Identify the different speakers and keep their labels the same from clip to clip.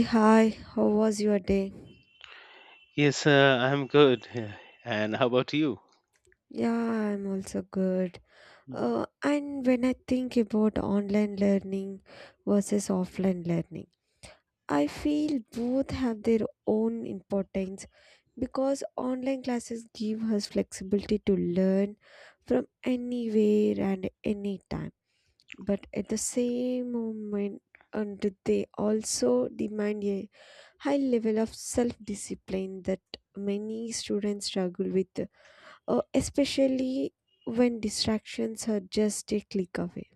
Speaker 1: Hi, how was your day?
Speaker 2: Yes, I'm good. Yeah. And how about you?
Speaker 1: Yeah, I'm also good.
Speaker 2: Mhm.
Speaker 1: And when I think about online learning versus offline learning, I feel both have their own importance because online classes give us flexibility to learn from anywhere and anytime. But at the same moment, and they also demand a high level of self discipline that many students struggle with, especially when distractions are just a click away.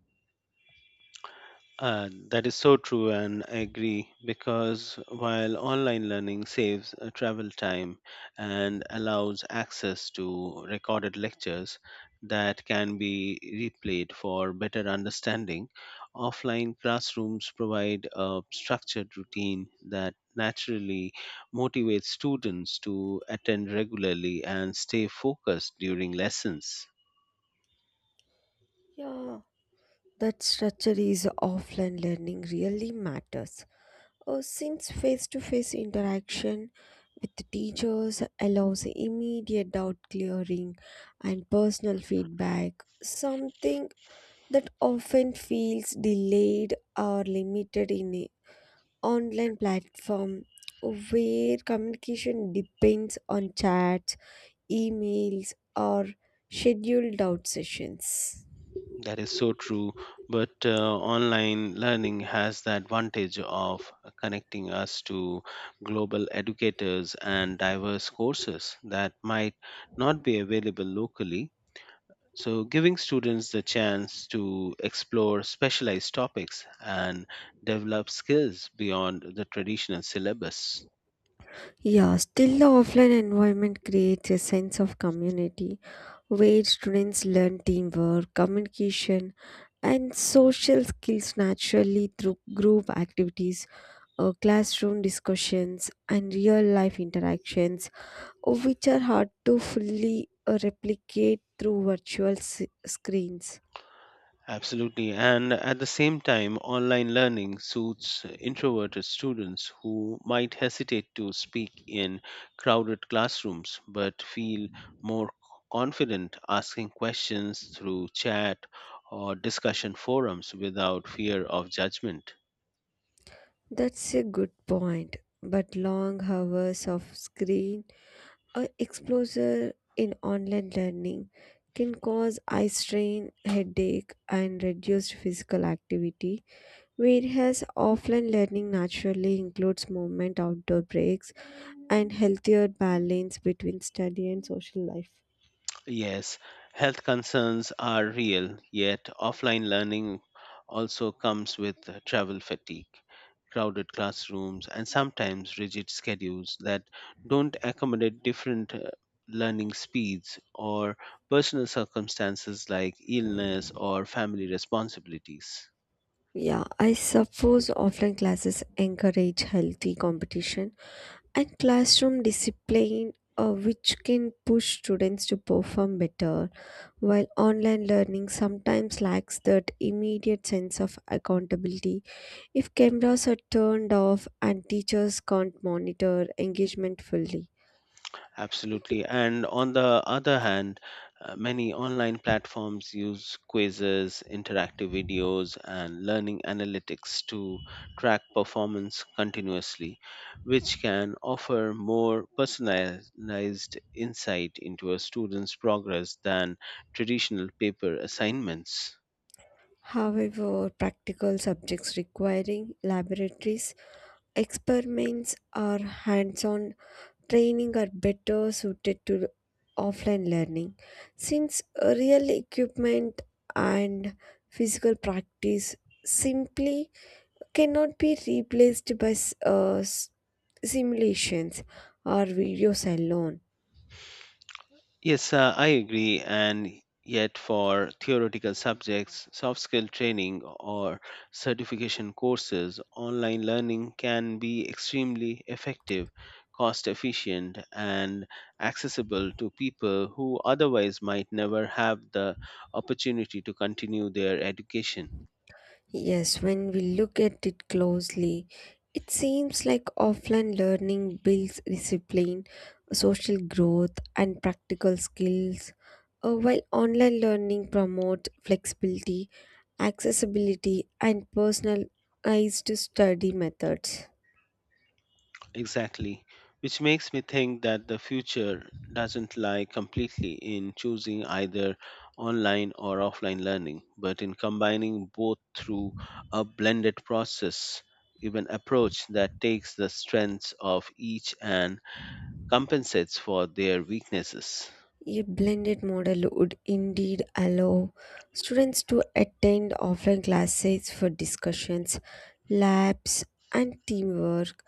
Speaker 2: That is so true, and I agree because while online learning saves travel time and allows access to recorded lectures that can be replayed for better understanding, offline classrooms provide a structured routine that naturally motivates students to attend regularly and stay focused during lessons.
Speaker 1: Yeah, that structure is offline learning really matters. Since face to face interaction with the teachers allows immediate doubt clearing and personal feedback, something that often feels delayed or limited in an online platform where communication depends on chats, emails, or scheduled out sessions.
Speaker 2: That is so true. But online learning has the advantage of connecting us to global educators and diverse courses that might not be available locally. So, giving students the chance to explore specialized topics and develop skills beyond the traditional syllabus.
Speaker 1: Yeah, still the offline environment creates a sense of community where students learn teamwork, communication, and social skills naturally through group activities, classroom discussions, and real life interactions, which are hard to fully replicate through virtual screens.
Speaker 2: Absolutely. And at the same time, online learning suits introverted students who might hesitate to speak in crowded classrooms but feel more confident asking questions through chat or discussion forums without fear of judgment.
Speaker 1: That's a good point, but long hours of screen or exposure in online learning can cause eye strain, headache, and reduced physical activity, whereas offline learning naturally includes movement, outdoor breaks, and healthier balance between study and social life.
Speaker 2: Yes, health concerns are real, yet offline learning also comes with travel fatigue, crowded classrooms, and sometimes rigid schedules that don't accommodate different learning speeds or personal circumstances like illness or family responsibilities.
Speaker 1: Yeah, I suppose offline classes encourage healthy competition and classroom discipline, which can push students to perform better, while online learning sometimes lacks that immediate sense of accountability, if cameras are turned off and teachers can't monitor engagement fully.
Speaker 2: Absolutely. And on the other hand, many online platforms use quizzes, interactive videos, and learning analytics to track performance continuously, which can offer more personalized insight into a student's progress than traditional paper assignments.
Speaker 1: However, practical subjects requiring laboratories, experiments, or hands-on training are better suited to offline learning, since real equipment and physical practice simply cannot be replaced by simulations or videos alone.
Speaker 2: Yes, I agree. And yet, for theoretical subjects, soft skill training or certification courses, online learning can be extremely effective, cost efficient, and accessible to people who otherwise might never have the opportunity to continue their education.
Speaker 1: Yes, when we look at it closely, it seems like offline learning builds discipline, social growth, and practical skills, while online learning promotes flexibility, accessibility, and personalized study methods.
Speaker 2: Exactly. Which makes me think that the future doesn't lie completely in choosing either online or offline learning, but in combining both through a blended process, even approach that takes the strengths of each and compensates for their weaknesses.
Speaker 1: A blended model would indeed allow students to attend offline classes for discussions, labs, and teamwork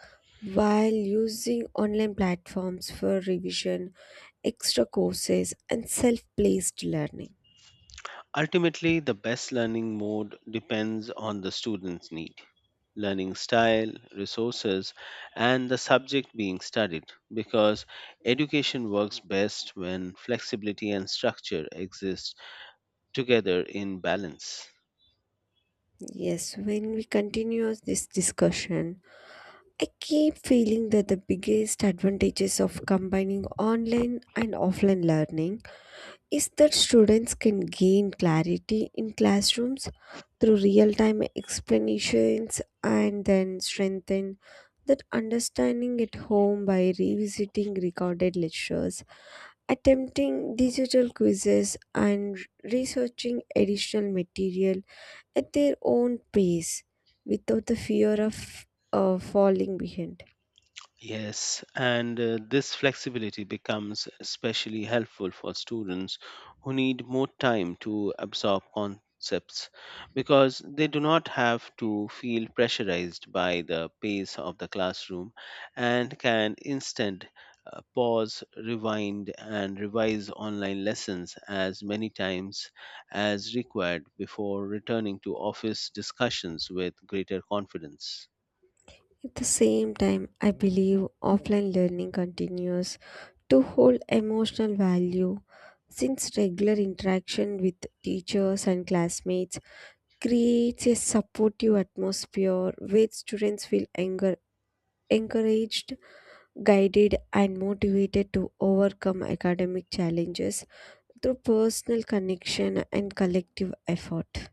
Speaker 1: while using online platforms for revision, extra courses, and self placed learning.
Speaker 2: Ultimately, the best learning mode depends on the student's need, learning style, resources, and the subject being studied because education works best when flexibility and structure exist together in balance.
Speaker 1: Yes, when we continue this discussion, I keep feeling that the biggest advantages of combining online and offline learning is that students can gain clarity in classrooms through real time explanations and then strengthen that understanding at home by revisiting recorded lectures, attempting digital quizzes, and researching additional material at their own pace without the fear of falling behind.
Speaker 2: Yes, and this flexibility becomes especially helpful for students who need more time to absorb concepts because they do not have to feel pressurized by the pace of the classroom and can instead pause, rewind, and revise online lessons as many times as required before returning to office discussions with greater confidence.
Speaker 1: At the same time, I believe offline learning continues to hold emotional value, since regular interaction with teachers and classmates creates a supportive atmosphere where students feel anger, encouraged, guided, and motivated to overcome academic challenges through personal connection and collective effort.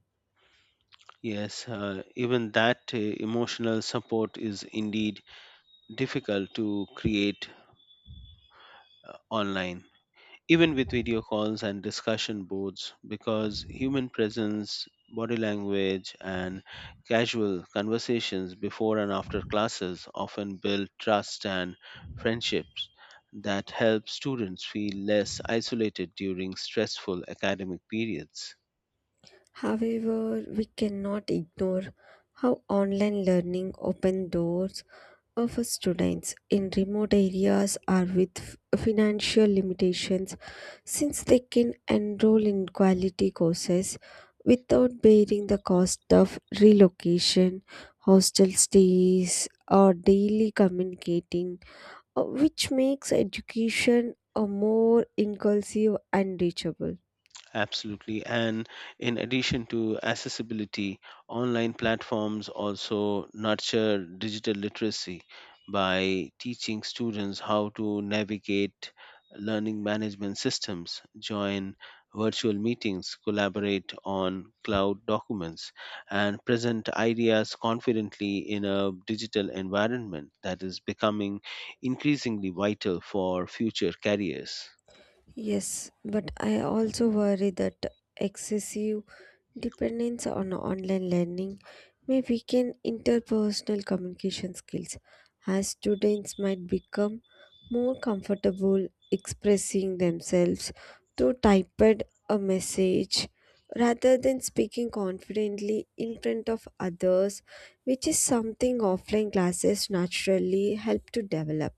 Speaker 2: Yes, even that emotional support is indeed difficult to create online, even with video calls and discussion boards, because human presence, body language, and casual conversations before and after classes often build trust and friendships that help students feel less isolated during stressful academic periods.
Speaker 1: However, we cannot ignore how online learning open doors, office students in remote areas are with financial limitations, since they can enroll in quality courses without bearing the cost of relocation, hostel stays, or daily communicating, which makes education a more inclusive and reachable.
Speaker 2: Absolutely. And in addition to accessibility, online platforms also nurture digital literacy by teaching students how to navigate learning management systems, join virtual meetings, collaborate on cloud documents, and present ideas confidently in a digital environment that is becoming increasingly vital for future careers.
Speaker 1: Yes, but I also worry that excessive dependence on online learning may weaken interpersonal communication skills, as students might become more comfortable expressing themselves through typed a message rather than speaking confidently in front of others, which is something offline classes naturally help to develop.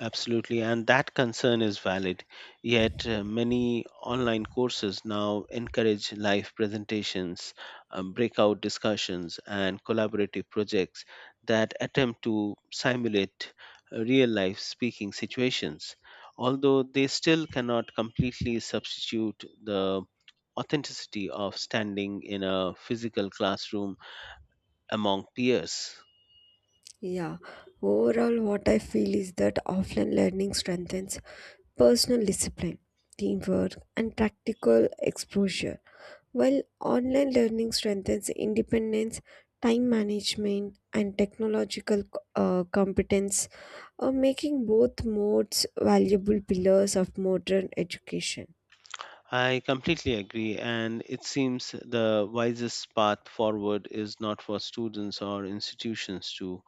Speaker 2: Absolutely, and that concern is valid. Yet, many online courses now encourage live presentations, breakout discussions, and collaborative projects that attempt to simulate real life speaking situations, although they still cannot completely substitute the authenticity of standing in a physical classroom among peers.
Speaker 1: Yeah, overall, what I feel is that offline learning strengthens personal discipline, teamwork, and practical exposure, while online learning strengthens independence, time management, and technological competence, making both modes valuable pillars of modern education.
Speaker 2: I completely agree, and it seems the wisest path forward is not for students or institutions to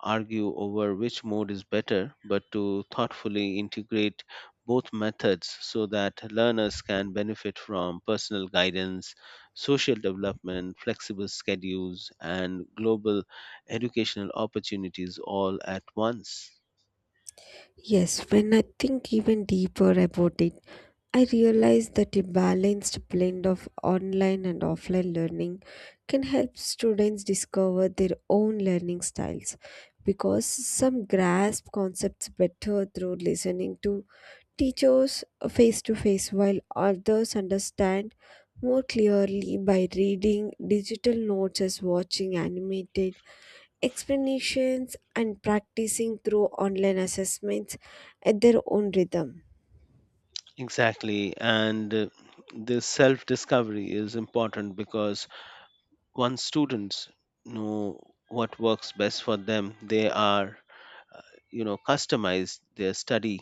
Speaker 2: argue over which mode is better, but to thoughtfully integrate both methods so that learners can benefit from personal guidance, social development, flexible schedules, and global educational opportunities all at once.
Speaker 1: Yes, when I think even deeper about it, I realize that a balanced blend of online and offline learning can help students discover their own learning styles, because some grasp concepts better through listening to teachers face to face, while others understand more clearly by reading digital notes as watching animated explanations and practicing through online assessments at their own rhythm.
Speaker 2: Exactly, and this self discovery is important because once students know what works best for them they are uh, customize their study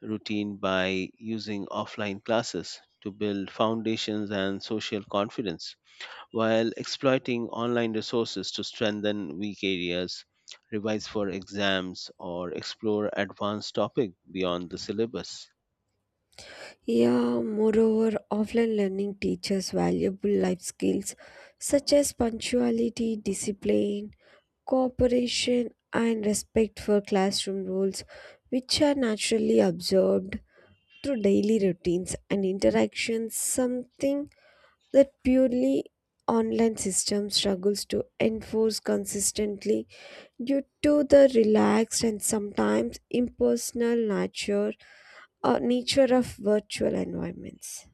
Speaker 2: routine by using offline classes to build foundations and social confidence while exploiting online resources to strengthen weak areas revise for exams or explore advanced topic beyond the syllabus.
Speaker 1: Yeah, moreover, offline learning teaches valuable life skills such as punctuality, discipline, cooperation, and respect for classroom rules, which are naturally observed through daily routines and interactions, something that purely online system struggles to enforce consistently due to the relaxed and sometimes impersonal nature of virtual environments.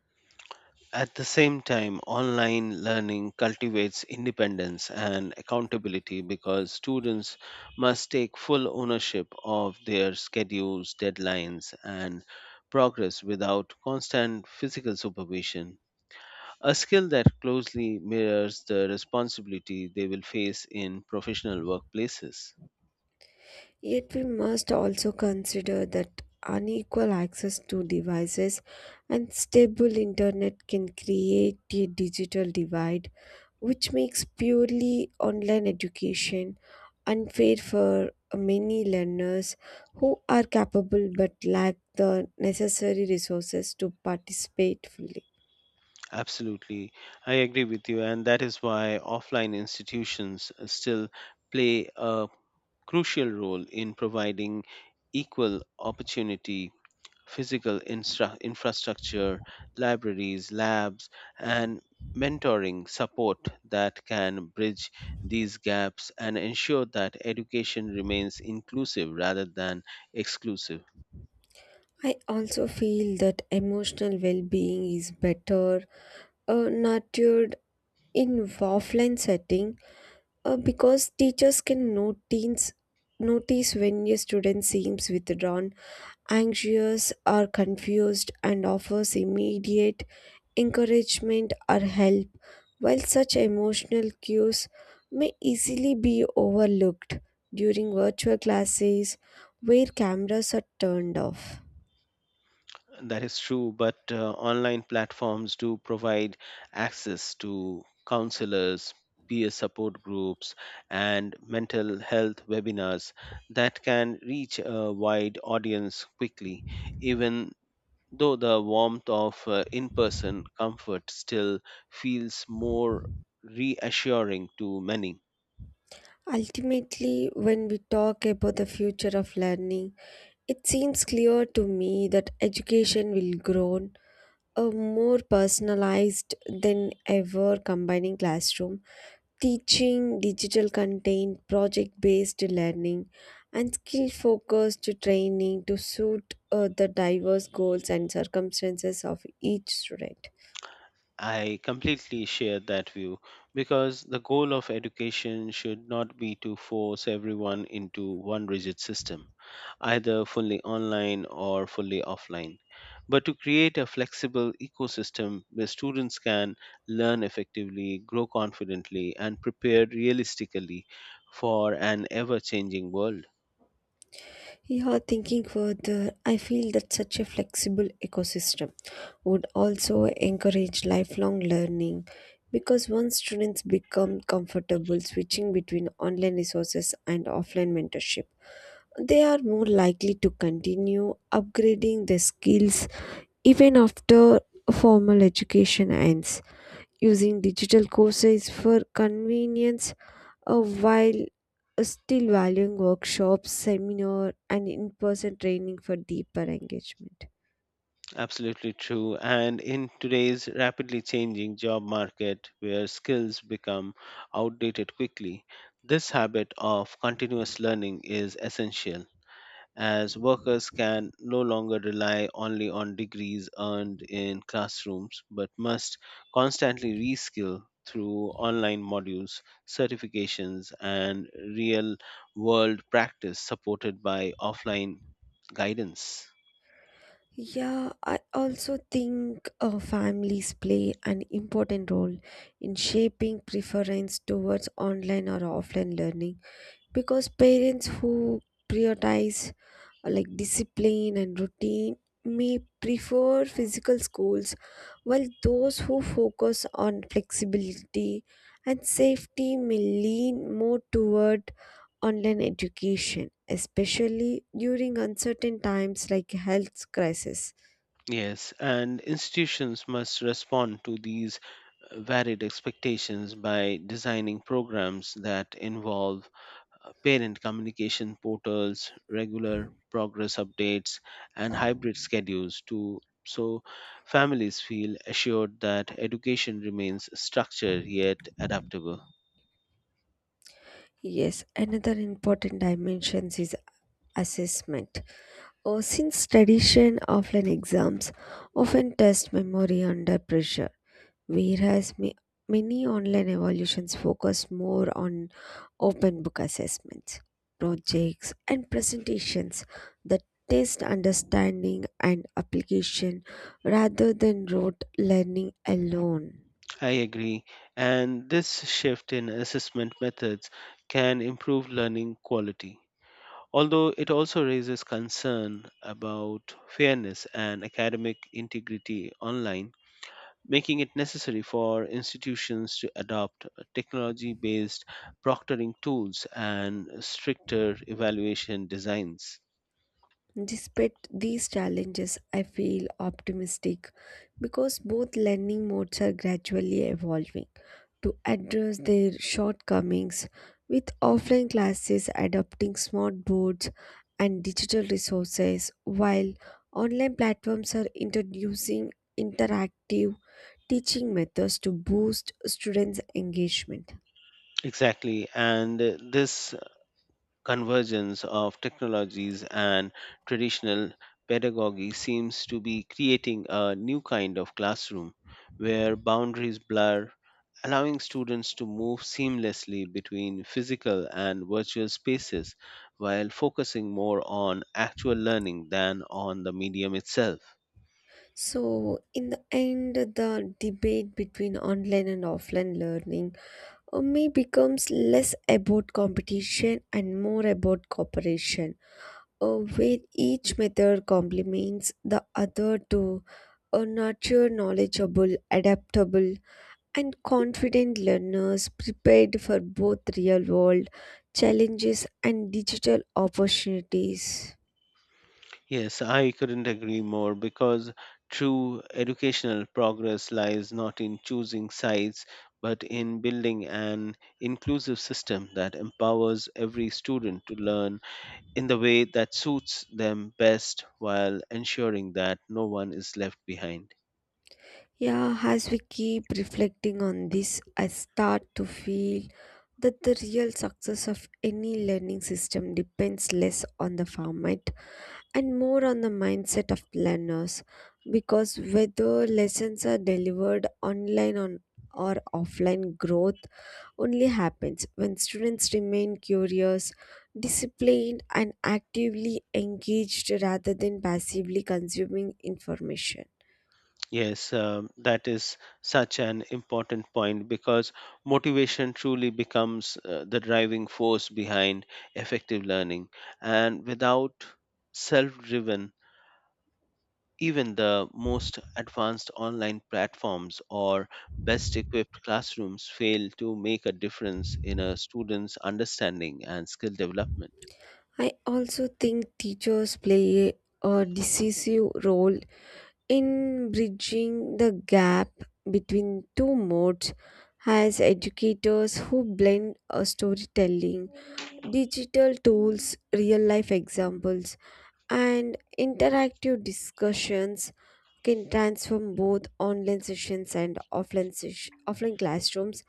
Speaker 2: At the same time, online learning cultivates independence and accountability because students must take full ownership of their schedules, deadlines, and progress without constant physical supervision, a skill that closely mirrors the responsibility they will face in professional workplaces.
Speaker 1: Yet, we must also consider that unequal access to devices and stable internet can create a digital divide, which makes purely online education unfair for many learners who are capable but lack the necessary resources to participate fully.
Speaker 2: Absolutely, I agree with you, and that is why offline institutions still play a crucial role in providing equal opportunity physical infrastructure, libraries, labs, and mentoring support that can bridge these gaps and ensure that education remains inclusive rather than exclusive.
Speaker 1: I also feel that emotional well being is better nurtured in offline setting. Because teachers can notice when a student seems withdrawn, anxious, or confused, and offers immediate encouragement or help, while such emotional cues may easily be overlooked during virtual classes where cameras are turned off.
Speaker 2: That is true, but online platforms do provide access to counselors, peer support groups, and mental health webinars that can reach a wide audience quickly, even though the warmth of in person comfort still feels more reassuring to many.
Speaker 1: Ultimately, when we talk about the future of learning, it seems clear to me that education will grow a more personalized than ever, combining classroom teaching, digital content, project based learning, and skill focused training to suit the diverse goals and circumstances of each student.
Speaker 2: I completely share that view because the goal of education should not be to force everyone into one rigid system, either fully online or fully offline, but to create a flexible ecosystem where students can learn effectively, grow confidently, and prepare realistically for an ever changing world.
Speaker 1: Yeah, thinking further, I feel that such a flexible ecosystem would also encourage lifelong learning, because once students become comfortable switching between online resources and offline mentorship, they are more likely to continue upgrading their skills even after formal education ends, using digital courses for convenience, while still valuing workshops, seminar, and in person training for deeper engagement.
Speaker 2: Absolutely true. And in today's rapidly changing job market, where skills become outdated quickly, this habit of continuous learning is essential as workers can no longer rely only on degrees earned in classrooms but must constantly reskill through online modules, certifications, and real world practice supported by offline guidance.
Speaker 1: Yeah, I also think families play an important role in shaping preference towards online or offline learning, because parents who prioritize like discipline and routine may prefer physical schools, while those who focus on flexibility and safety may lean more toward online education, especially during uncertain times like health crisis.
Speaker 2: Yes, and institutions must respond to these varied expectations by designing programs that involve parent communication portals, regular progress updates, and hybrid schedules to so families feel assured that education remains structured yet adaptable.
Speaker 1: Yes, another important dimension is assessment. Since tradition offline exams often test memory under pressure, whereas many online evaluations focus more on open book assessments, projects, and presentations that test understanding and application rather than rote learning alone.
Speaker 2: I agree, and this shift in assessment methods can improve learning quality, although it also raises concern about fairness and academic integrity online, making it necessary for institutions to adopt technology based proctoring tools and stricter evaluation designs.
Speaker 1: Despite these challenges, I feel optimistic because both learning modes are gradually evolving to address their shortcomings, with offline classes adopting smart boards and digital resources, while online platforms are introducing interactive teaching methods to boost students' engagement.
Speaker 2: Exactly, and this convergence of technologies and traditional pedagogy seems to be creating a new kind of classroom where boundaries blur, allowing students to move seamlessly between physical and virtual spaces while focusing more on actual learning than on the medium itself.
Speaker 1: So, in the end, the debate between online and offline learning Ummi becomes less about competition and more about cooperation, where each method complements the other to nurture knowledgeable, adaptable, and confident learners prepared for both real world challenges and digital opportunities.
Speaker 2: Yes, I couldn't agree more because true educational progress lies not in choosing sides, but in building an inclusive system that empowers every student to learn in the way that suits them best while ensuring that no one is left behind.
Speaker 1: Yeah, as we keep reflecting on this, I start to feel that the real success of any learning system depends less on the format and more on the mindset of learners, because whether lessons are delivered online on or offline, growth only happens when students remain curious, disciplined, and actively engaged rather than passively consuming information.
Speaker 2: Yes, that is such an important point because motivation truly becomes the driving force behind effective learning. And without self driven, even the most advanced online platforms or best equipped classrooms fail to make a difference in a student's understanding and skill development.
Speaker 1: I also think teachers play a decisive role in bridging the gap between two modes, as educators who blend a storytelling, digital tools, real life examples, and interactive discussions can transform both online sessions and offline classrooms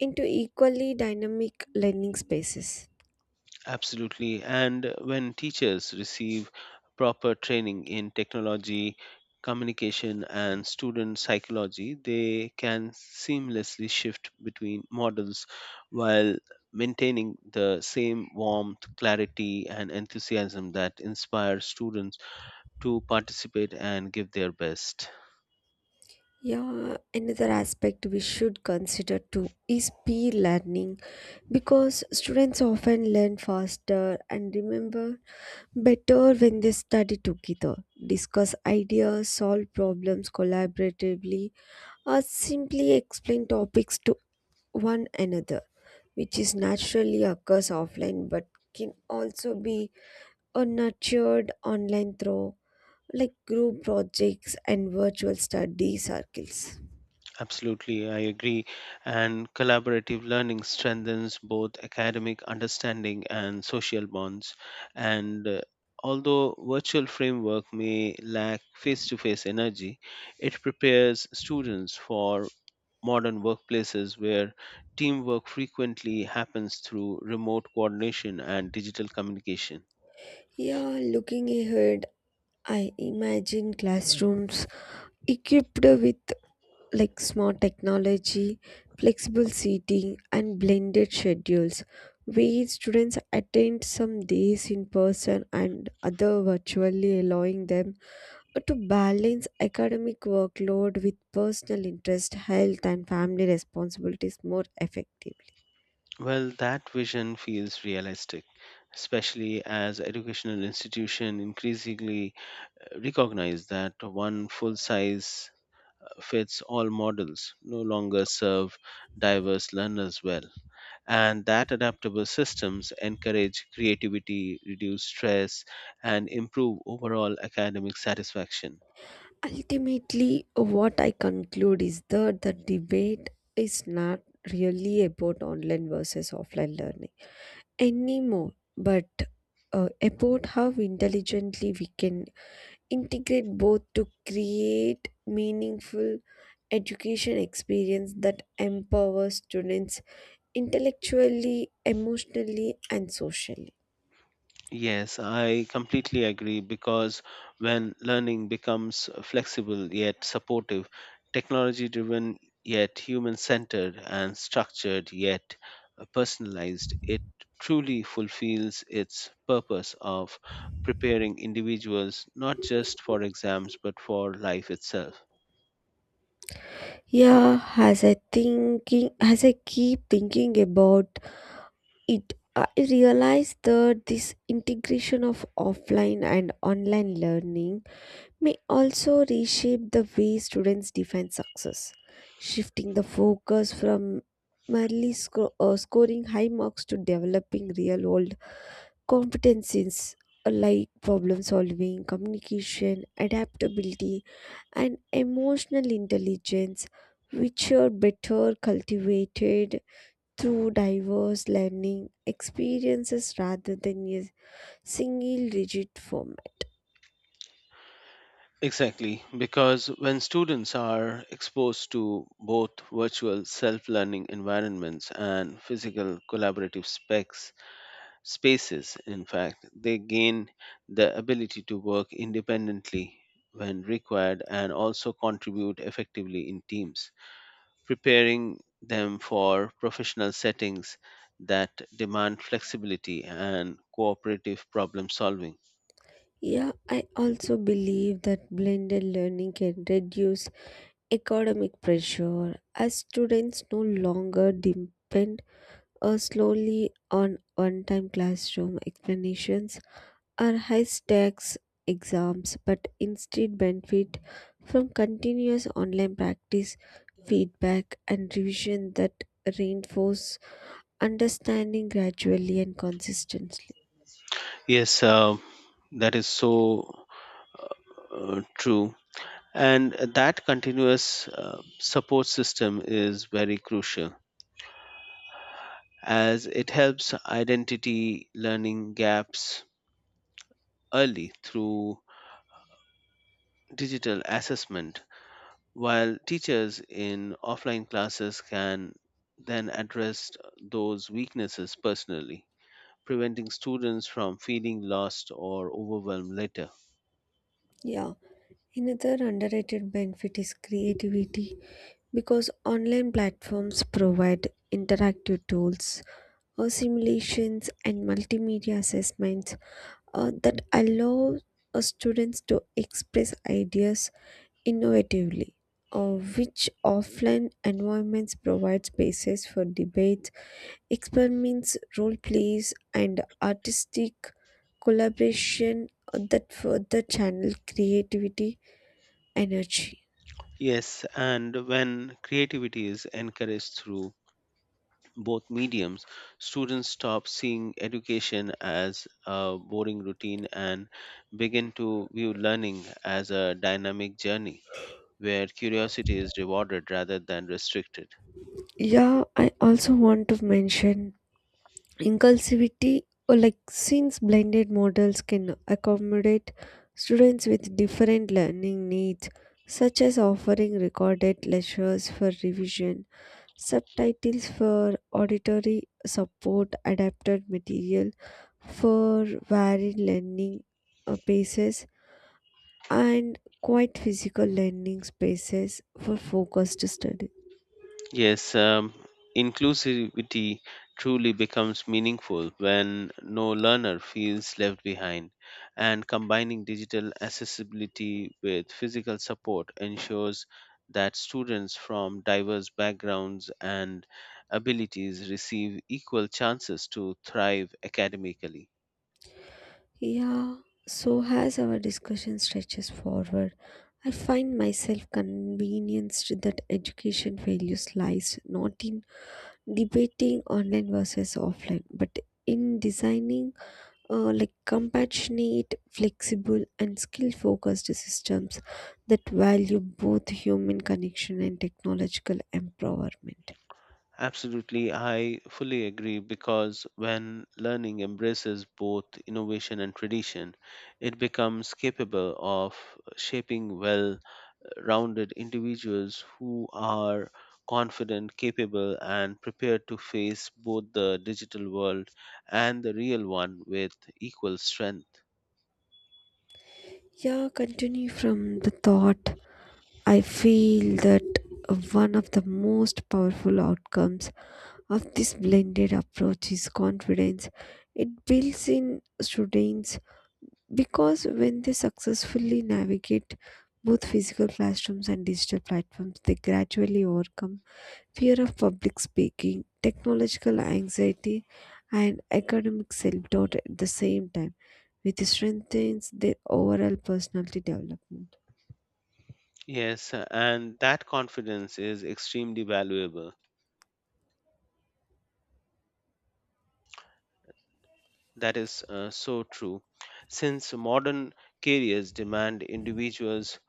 Speaker 1: into equally dynamic learning spaces.
Speaker 2: Absolutely. And when teachers receive proper training in technology, communication, and student psychology, they can seamlessly shift between models while maintaining the same warmth, clarity, and enthusiasm that inspire students to participate and give their best.
Speaker 1: Yeah, another aspect we should consider too is peer learning, because students often learn faster and remember better when they study together, discuss ideas, solve problems collaboratively, or simply explain topics to one another, which is naturally occurs offline but can also be nurtured online through like group projects and virtual study circles.
Speaker 2: Absolutely, I agree. And collaborative learning strengthens both academic understanding and social bonds. And Although virtual framework may lack face to face energy, it prepares students for modern workplaces where teamwork frequently happens through remote coordination and digital communication.
Speaker 1: Yeah, looking ahead, I imagine classrooms equipped with like smart technology, flexible seating, and blended schedules, where students attend some days in person and other virtually, allowing them to balance academic workload with personal interest, health, and family responsibilities more effectively.
Speaker 2: Well, that vision feels realistic, especially as educational institutions increasingly recognize that one full size fits all models no longer serve diverse learners well and that adaptable systems encourage creativity reduce stress and improve overall academic satisfaction.
Speaker 1: Ultimately, what I conclude is that the debate is not really about online versus offline learning anymore, but about how intelligently we can integrate both to create meaningful education experience that empowers students intellectually, emotionally, and socially.
Speaker 2: Yes, I completely agree because when learning becomes flexible yet supportive, technology driven yet human centered, and structured yet personalized, it truly fulfills its purpose of preparing individuals not just for exams but for life itself.
Speaker 1: Yeah, as I keep thinking about it, I realized that this integration of offline and online learning may also reshape the way students define success, shifting the focus from merely scoring high marks to developing real world competencies, like problem solving, communication, adaptability, and emotional intelligence, which are better cultivated through diverse learning experiences rather than a single rigid format.
Speaker 2: Exactly, because when students are exposed to both virtual self learning environments and physical collaborative specs, spaces. In fact, they gain the ability to work independently when required and also contribute effectively in teams, preparing them for professional settings that demand flexibility and cooperative problem solving.
Speaker 1: Yeah, I also believe that blended learning can reduce academic pressure, as students no longer depend slowly on one time classroom explanations or high stakes exams, but instead benefit from continuous online practice, feedback, and revision that reinforce understanding gradually and consistently.
Speaker 2: Yes, that is so true. And that continuous support system is very crucial as it helps identity learning gaps early through digital assessment while teachers in offline classes can then address those weaknesses personally, preventing students from feeling lost or overwhelmed later.
Speaker 1: Yeah. Another underrated benefit is creativity, because online platforms provide interactive tools or simulations and multimedia assessments that allow students to express ideas innovatively, which offline environments provide spaces for debates, experiments, role plays, and artistic collaboration that further channel creativity energy.
Speaker 2: Yes, and when creativity is encouraged through both mediums, students stop seeing education as a boring routine and begin to view learning as a dynamic journey where curiosity is rewarded rather than restricted.
Speaker 1: Yeah, I also want to mention inclusivity, or like since blended models can accommodate students with different learning needs, such as offering recorded lectures for revision, subtitles for auditory support, adapted material for varied learning paces, and quite physical learning spaces for focused study.
Speaker 2: Yes, inclusivity truly becomes meaningful when no learner feels left behind, and combining digital accessibility with physical support ensures that students from diverse backgrounds and abilities receive equal chances to thrive academically.
Speaker 1: Yeah, so as our discussion stretches forward, I find myself convinced that education values lies not in debating online versus offline, but in designing like compassionate, flexible, and skill focused systems that value both human connection and technological empowerment.
Speaker 2: Absolutely, I fully agree because when learning embraces both innovation and tradition, it becomes capable of shaping well rounded individuals who are confident, capable, and prepared to face both the digital world and the real one with equal strength.
Speaker 1: Yeah, continue from the thought. I feel that one of the most powerful outcomes of this blended approach is confidence. It builds in students because when they successfully navigate both physical classrooms and digital platforms, they gradually overcome fear of public speaking, technological anxiety, and academic self doubt at the same time, which strengthens their overall personality development.
Speaker 2: Yes, and that confidence is extremely valuable. That is so true. Since modern careers demand individuals,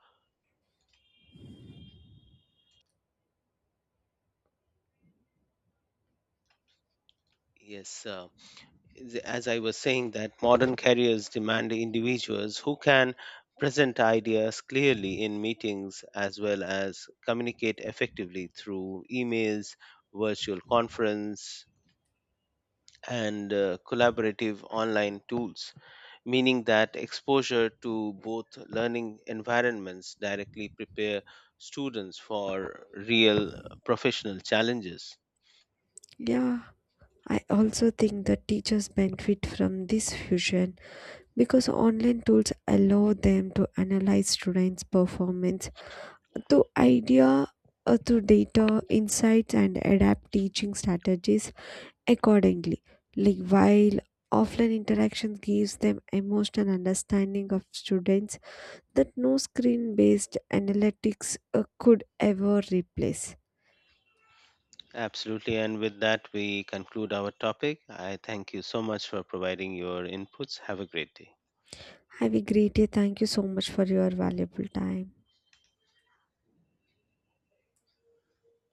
Speaker 2: yes, as I was saying, that modern careers demand individuals who can present ideas clearly in meetings as well as communicate effectively through emails, virtual conference, and collaborative online tools, meaning that exposure to both learning environments directly prepare students for real professional challenges.
Speaker 1: Yeah, I also think that teachers benefit from this fusion, because online tools allow them to analyze students' performance to idea through data insights and adapt teaching strategies accordingly, like while offline interaction gives them emotional understanding of students that no screen based analytics could ever replace.
Speaker 2: Absolutely. And with that, we conclude our topic. I thank you so much for providing your inputs. Have a great day.
Speaker 1: Have a great day. Thank you so much for your valuable time.